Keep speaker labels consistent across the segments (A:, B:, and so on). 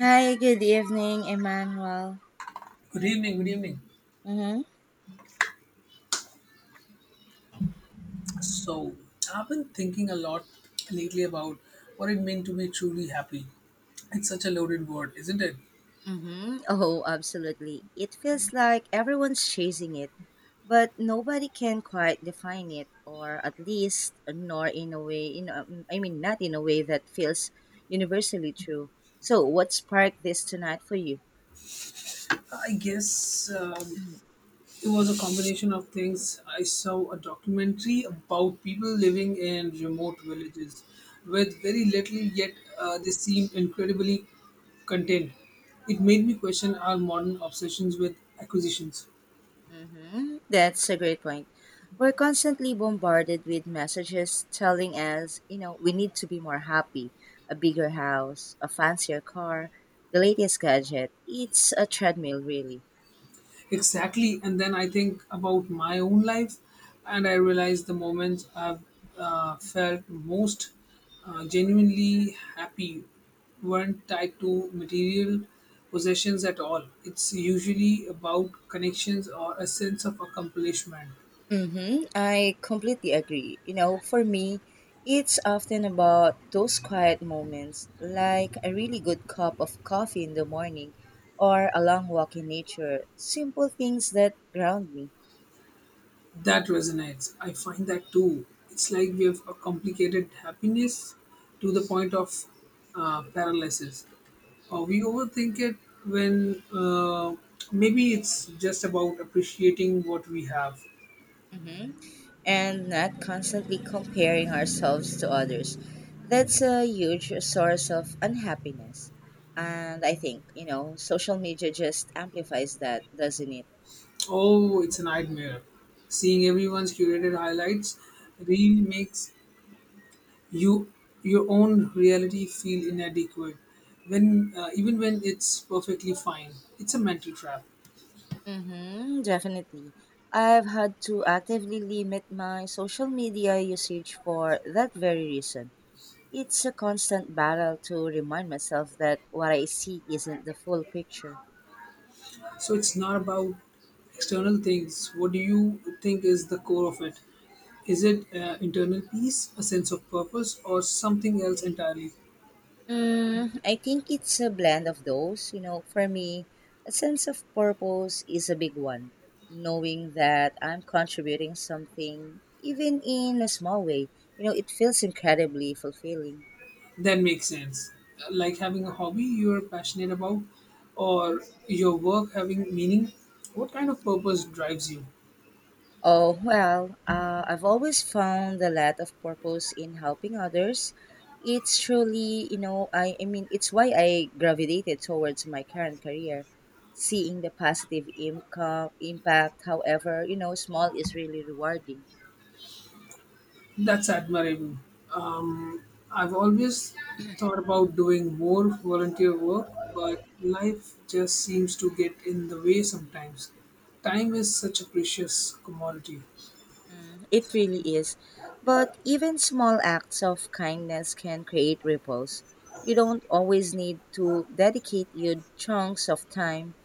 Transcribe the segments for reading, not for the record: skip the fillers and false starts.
A: Hi, good evening, Emmanuel.
B: Good evening, good evening.
A: Mm-hmm.
B: So, I've been thinking a lot lately about what it means to be truly happy. It's such a loaded word, isn't it?
A: Mm-hmm. Oh, absolutely. It feels like everyone's chasing it, but nobody can quite define it, or at least nor in a way, not in a way that feels universally true. So, what sparked this tonight for you?
B: I guess it was a combination of things. I saw a documentary about people living in remote villages with very little, yet they seemed incredibly content. It made me question our modern obsessions with acquisitions.
A: Hmm. That's a great point. We're constantly bombarded with messages telling us, you know, we need to be more happy, a bigger house, a fancier car, the latest gadget. It's a treadmill, really.
B: Exactly. And then I think about my own life, and I realize the moments I've felt most genuinely happy weren't tied to material possessions at all. It's usually about connections or a sense of accomplishment.
A: Mm-hmm. I completely agree. You know, for me, it's often about those quiet moments, like a really good cup of coffee in the morning or a long walk in nature, simple things that ground me.
B: That resonates. I find that too. It's like we have a complicated happiness to the point of paralysis. We overthink it when maybe it's just about appreciating what we have.
A: Mhm. And not constantly comparing ourselves to others. That's a huge source of unhappiness. And I think, you know, social media just amplifies that, doesn't it?
B: Oh, it's a nightmare. Seeing everyone's curated highlights really makes you your own reality feel inadequate. When Even when it's perfectly fine, it's a mental trap.
A: Mm-hmm, definitely. I've had to actively limit my social media usage for that very reason. It's a constant battle to remind myself that what I see isn't the full picture.
B: So it's not about external things. What do you think is the core of it? Is it internal peace, a sense of purpose, or something else entirely?
A: Mm, I think it's a blend of those. You know, for me, a sense of purpose is a big one. Knowing that I'm contributing something, even in a small way, you know, it feels incredibly fulfilling.
B: That makes sense. Like having a hobby you're passionate about,
A: Mm-hmm.
B: or your work having meaning. What kind of purpose drives you?
A: Oh, well, I've always found a lot of purpose in helping others. It's truly, it's why I gravitated towards my current career. Seeing the positive income, impact, however, you know, small is really rewarding.
B: That's admirable. Um, I've always thought about doing more volunteer work, but life just seems to get in the way sometimes. Time is such a precious commodity.
A: It really is. But even small acts of kindness can create ripples. You don't always need to dedicate your chunks of time,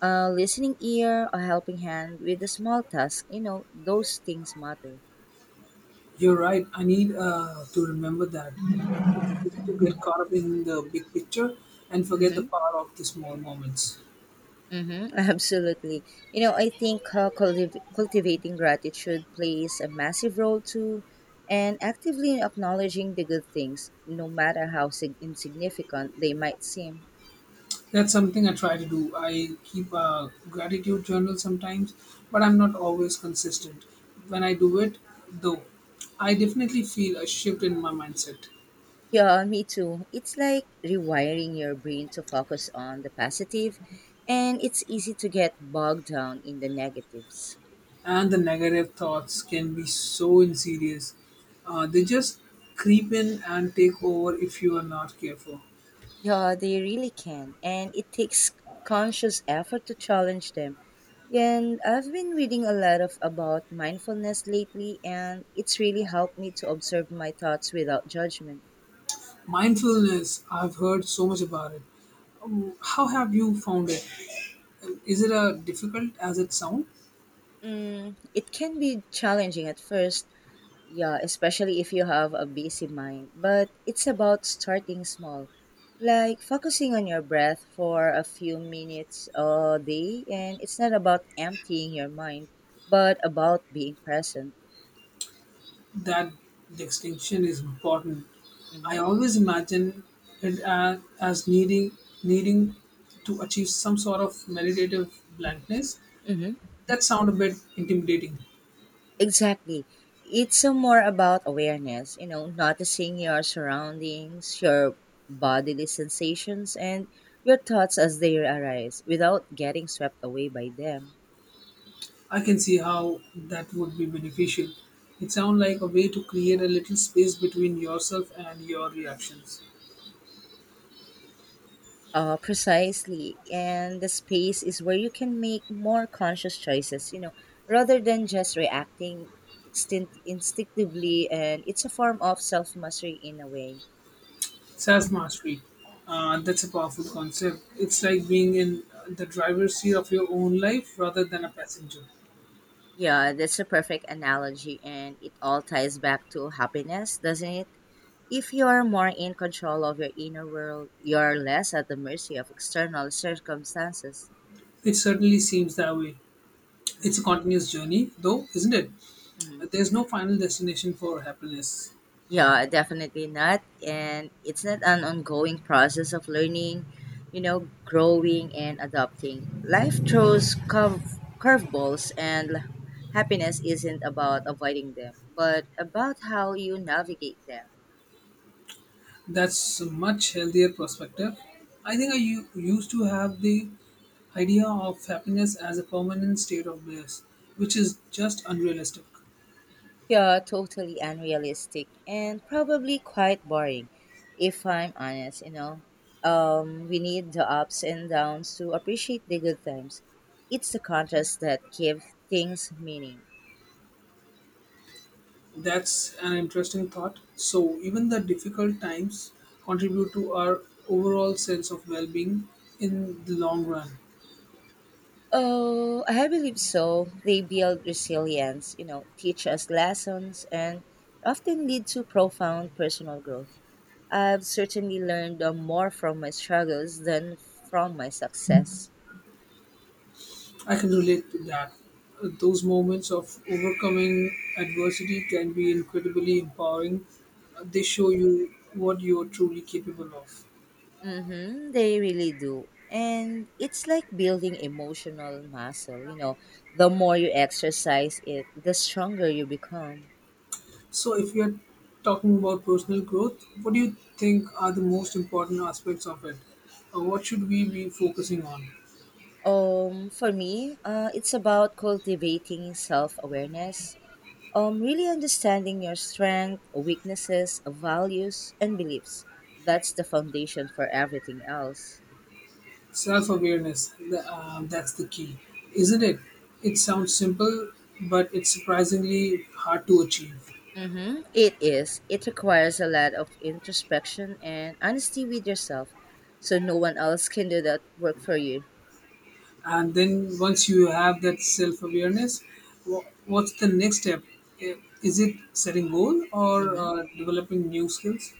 A: a listening ear, a helping hand with a small task. You know, those things matter.
B: You're right, I need to remember that. It's easy to get caught up in the big picture and forget the
A: Mm-hmm.
B: power of the small moments.
A: Mm-hmm. Absolutely. You know, I think cultivating gratitude plays a massive role too, and actively acknowledging the good things, no matter how insignificant they might seem.
B: That's something I try to do. I keep a gratitude journal sometimes, but I'm not always consistent. When I do it, though, I definitely feel a shift in my mindset.
A: Yeah, me too. It's like rewiring your brain to focus on the positive, and it's easy to get bogged down in the negatives.
B: And the negative thoughts can be so insidious. They just creep in and take over if you are not careful.
A: Yeah, they really can, and it takes conscious effort to challenge them. And I've been reading a lot of about mindfulness lately, and it's really helped me to observe my thoughts without judgment.
B: Mindfulness, I've heard so much about it. How have you found it? Is it difficult as it sounds?
A: Mm, it can be challenging at first. Yeah, especially if you have a busy mind. But it's about starting small, like focusing on your breath for a few minutes a day. And it's not about emptying your mind, but about being present.
B: That distinction is important. I
A: Mm-hmm.
B: always imagine it as needing to achieve some sort of meditative blankness.
A: Mm-hmm.
B: That sound a bit intimidating.
A: Exactly. It's more about awareness, you know, noticing your surroundings, your bodily sensations, and your thoughts as they arise without getting swept away by them.
B: I can see how that would be beneficial. It sounds like a way to create a little space between yourself and your reactions.
A: Precisely. And the space is where you can make more conscious choices, you know, rather than just reacting instinctively. And it's a form of self mastery in a way.
B: Self mastery. That's a powerful concept. It's like being in the driver's seat of your own life rather than a
A: Hmm.
B: passenger.
A: Yeah, that's a perfect analogy. And it all ties back to happiness, doesn't it? If you're more in control of your inner world, you're less at the mercy of external circumstances.
B: It certainly seems that way. It's a
A: Hmm.
B: continuous journey, though, isn't it?
A: Hmm.
B: There's no final destination for happiness.
A: Yeah, definitely not. And it's not an ongoing process of learning, you know, growing and adapting. Life throws curveballs, and happiness isn't about avoiding them, but about how you navigate them.
B: That's a much healthier perspective. I think I used to have the idea of happiness as a permanent state of bliss, which is just unrealistic.
A: Yeah, totally unrealistic and probably quite boring, if I'm honest, you know. We need the ups and downs to appreciate the good times. It's the contrast that gives things meaning.
B: That's an interesting thought. So, even the difficult times contribute to our overall sense of well being in the long run.
A: Oh, I believe so. They build resilience, you know, teach us lessons, and often lead to profound personal growth. I've certainly learned more from my struggles than from my success.
B: I can relate to that. Those moments of overcoming adversity can be incredibly empowering. They show you what you are truly capable of.
A: Mm-hmm, they really do. And it's like building emotional muscle, you know, the more you exercise it, the stronger you become.
B: So, if you're talking about personal growth, what do you think are the most important aspects of it? What should we be focusing on?
A: For me, it's about cultivating self awareness, really understanding your strengths, weaknesses, values, and beliefs. That's the foundation for everything else.
B: Self awareness, that's the key, isn't it? It sounds simple, but it's surprisingly hard to achieve.
A: Mm-hmm. It is. It requires a lot of introspection and honesty with yourself. So no one else can do that work for you.
B: And then once you have that self awareness, what's the next step? Eh, is it setting goal or
A: Mm-hmm.
B: developing new skills?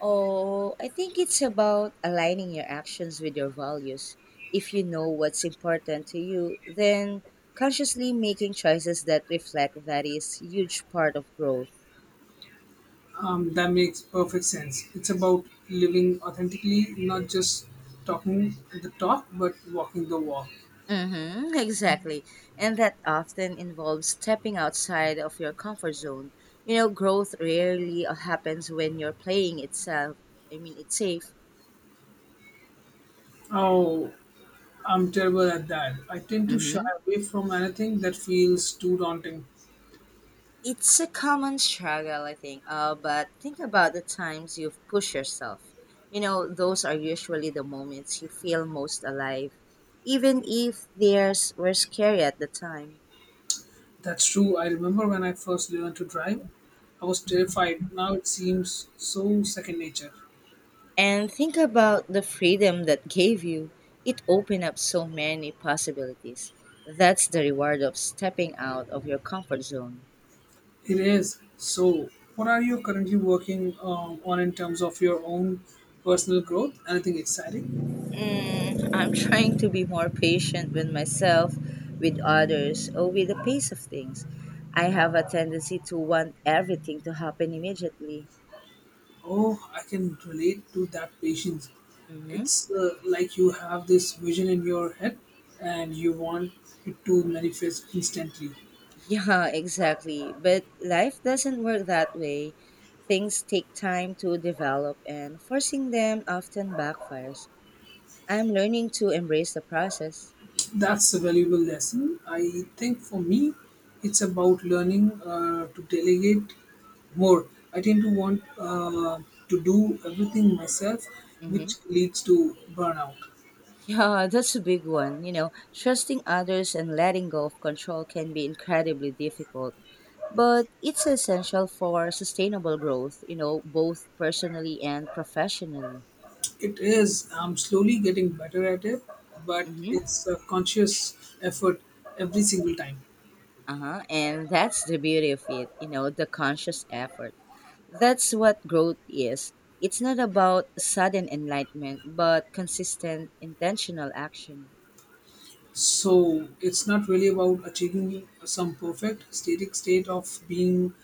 A: Oh, I think it's about aligning your actions with your values. If you know what's important to you, then consciously making choices that reflect that is huge part of growth.
B: That makes perfect sense. It's about living authentically, not just talking the talk but walking the walk.
A: Mm-hmm, exactly. And that often involves stepping outside of your comfort zone. You know, growth rarely happens when you're playing itself. I mean, it's safe.
B: Oh, I'm terrible at that. I tend to
A: Mm-hmm.
B: shy away from anything that feels too daunting.
A: It's a common struggle, I think. But think about the times you've pushed yourself. You know, those are usually the moments you feel most alive, even if theirs were scary at the time.
B: That's true. I remember when I first learned to drive, I was terrified. Now it seems so second nature.
A: And think about the freedom that gave you. It opened up so many possibilities. That's the reward of stepping out of your comfort zone.
B: It is. So, what are you currently working on in terms of your own personal growth? Anything exciting?
A: Mm, I'm trying to be more patient with myself, with others, or with the pace of things. I have a tendency to want everything to happen immediately.
B: Oh, I can relate to that patience.
A: Hmm.
B: It's like you have this vision in your head and you want it to manifest instantly.
A: Yeah, exactly. But life doesn't work that way. Things take time to develop, and forcing them often backfires. I'm learning to embrace the process.
B: That's a valuable lesson. I think for me, it's about learning to delegate more. I tend to want to do everything myself, which
A: Hmm.
B: leads to burnout.
A: Yeah, that's a big one. You know, trusting others and letting go of control can be incredibly difficult, but it's essential for sustainable growth, you know, both personally and professionally.
B: It is. I'm slowly getting better at it, but
A: Mm-hmm.
B: it's a conscious effort every single time.
A: Uh-huh. And that's the beauty of it, you know, the conscious effort. That's what growth is. It's not about sudden enlightenment, but consistent, intentional action.
B: So it's not really about achieving some perfect static state of being,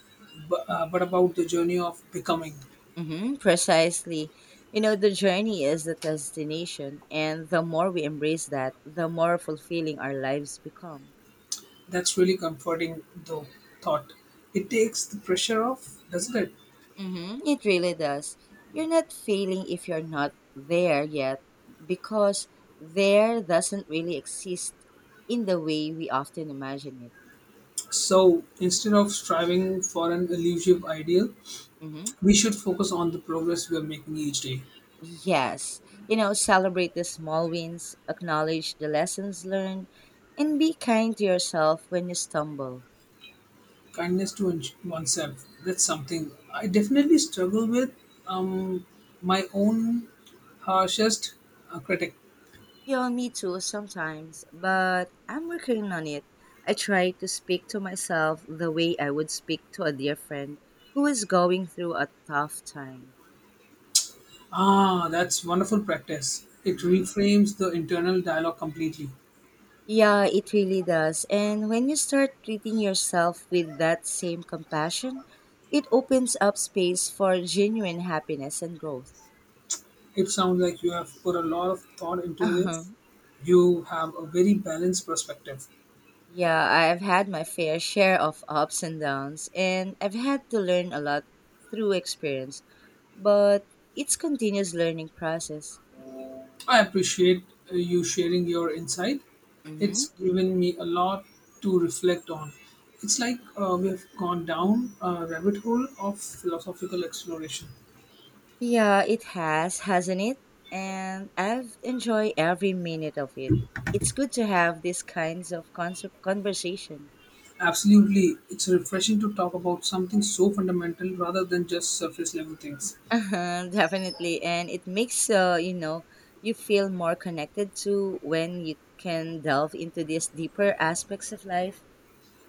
B: but about the journey of becoming.
A: Hmm, precisely. You know, the journey is the destination, and the more we embrace that, the more fulfilling our lives become.
B: That's really comforting, though. Thought it takes the pressure off, doesn't it?
A: Hmm, it really does. You're not failing if you're not there yet, because there doesn't really exist in the way we often imagine it.
B: So instead of striving for an elusive ideal,
A: Hmm.
B: we should focus on the progress we are making each day.
A: Yes, you know, celebrate the small wins, acknowledge the lessons learned, and be kind to yourself when you stumble.
B: Kindness to oneself, that's something I definitely struggle with. Um, my own harshest critic.
A: Yeah, me too sometimes, but I'm working on it. I try to speak to myself the way I would speak to a dear friend who is going through a tough time.
B: Ah, that's wonderful practice. It
A: Hmm.
B: reframes the internal dialogue completely.
A: Yeah, it really does. And when you start treating yourself with that same compassion, it opens up space for genuine happiness and growth.
B: It sounds like you have put a lot of thought into
A: Uh-huh.
B: this. You have a very balanced perspective.
A: Yeah, I've had my fair share of ups and downs, and I've had to learn a lot through experience. But it's continuous learning process.
B: I appreciate you sharing your insight.
A: Mm-hmm.
B: It's given me a lot to reflect on. It's like we have gone down a rabbit hole of philosophical exploration.
A: Yeah, it has, hasn't it? And I've enjoyed every minute of it. It's good to have these kinds of concept conversation.
B: Absolutely, it's refreshing to talk about something so fundamental rather than just surface level things.
A: Uh-huh, definitely, and it makes you know, you feel more connected to when you can delve into these deeper aspects of life.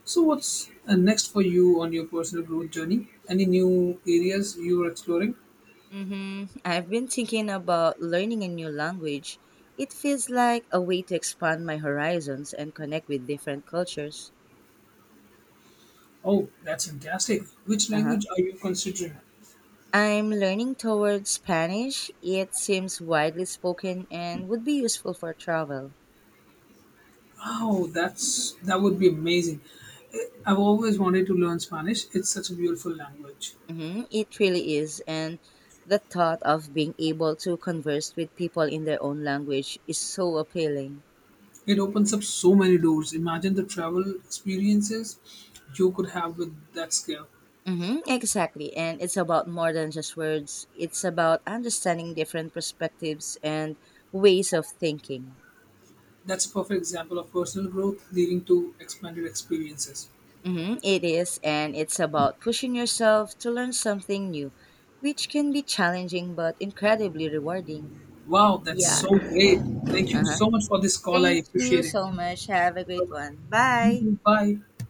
B: So, what's next for you on your personal growth journey? Any new areas you are exploring?
A: Mm-hmm. I've been thinking about learning a new language. It feels like a way to expand my horizons and connect with different cultures.
B: Oh, that's fantastic. Which
A: Uh-huh.
B: language are you considering?
A: I'm learning towards Spanish. It seems widely spoken and would be useful for travel.
B: Oh, that's that would be amazing. I've always wanted to learn Spanish. It's such a beautiful language.
A: Hmm. It really is, and the thought of being able to converse with people in their own language is so appealing.
B: It opens up so many doors. Imagine the travel experiences you could have with that skill.
A: Hmm, exactly, and it's about more than just words. It's about understanding different perspectives and ways of thinking.
B: That's a perfect example of personal growth leading to expanded experiences.
A: Hmm, it is, and it's about pushing yourself to learn something new, which can be challenging but incredibly rewarding.
B: Wow, that's
A: Yeah.
B: so great. Thank you
A: Uh-huh.
B: so much for this call. I
A: Thank you
B: appreciate it.
A: so much. Have a great one. Bye.
B: Bye-bye. Bye.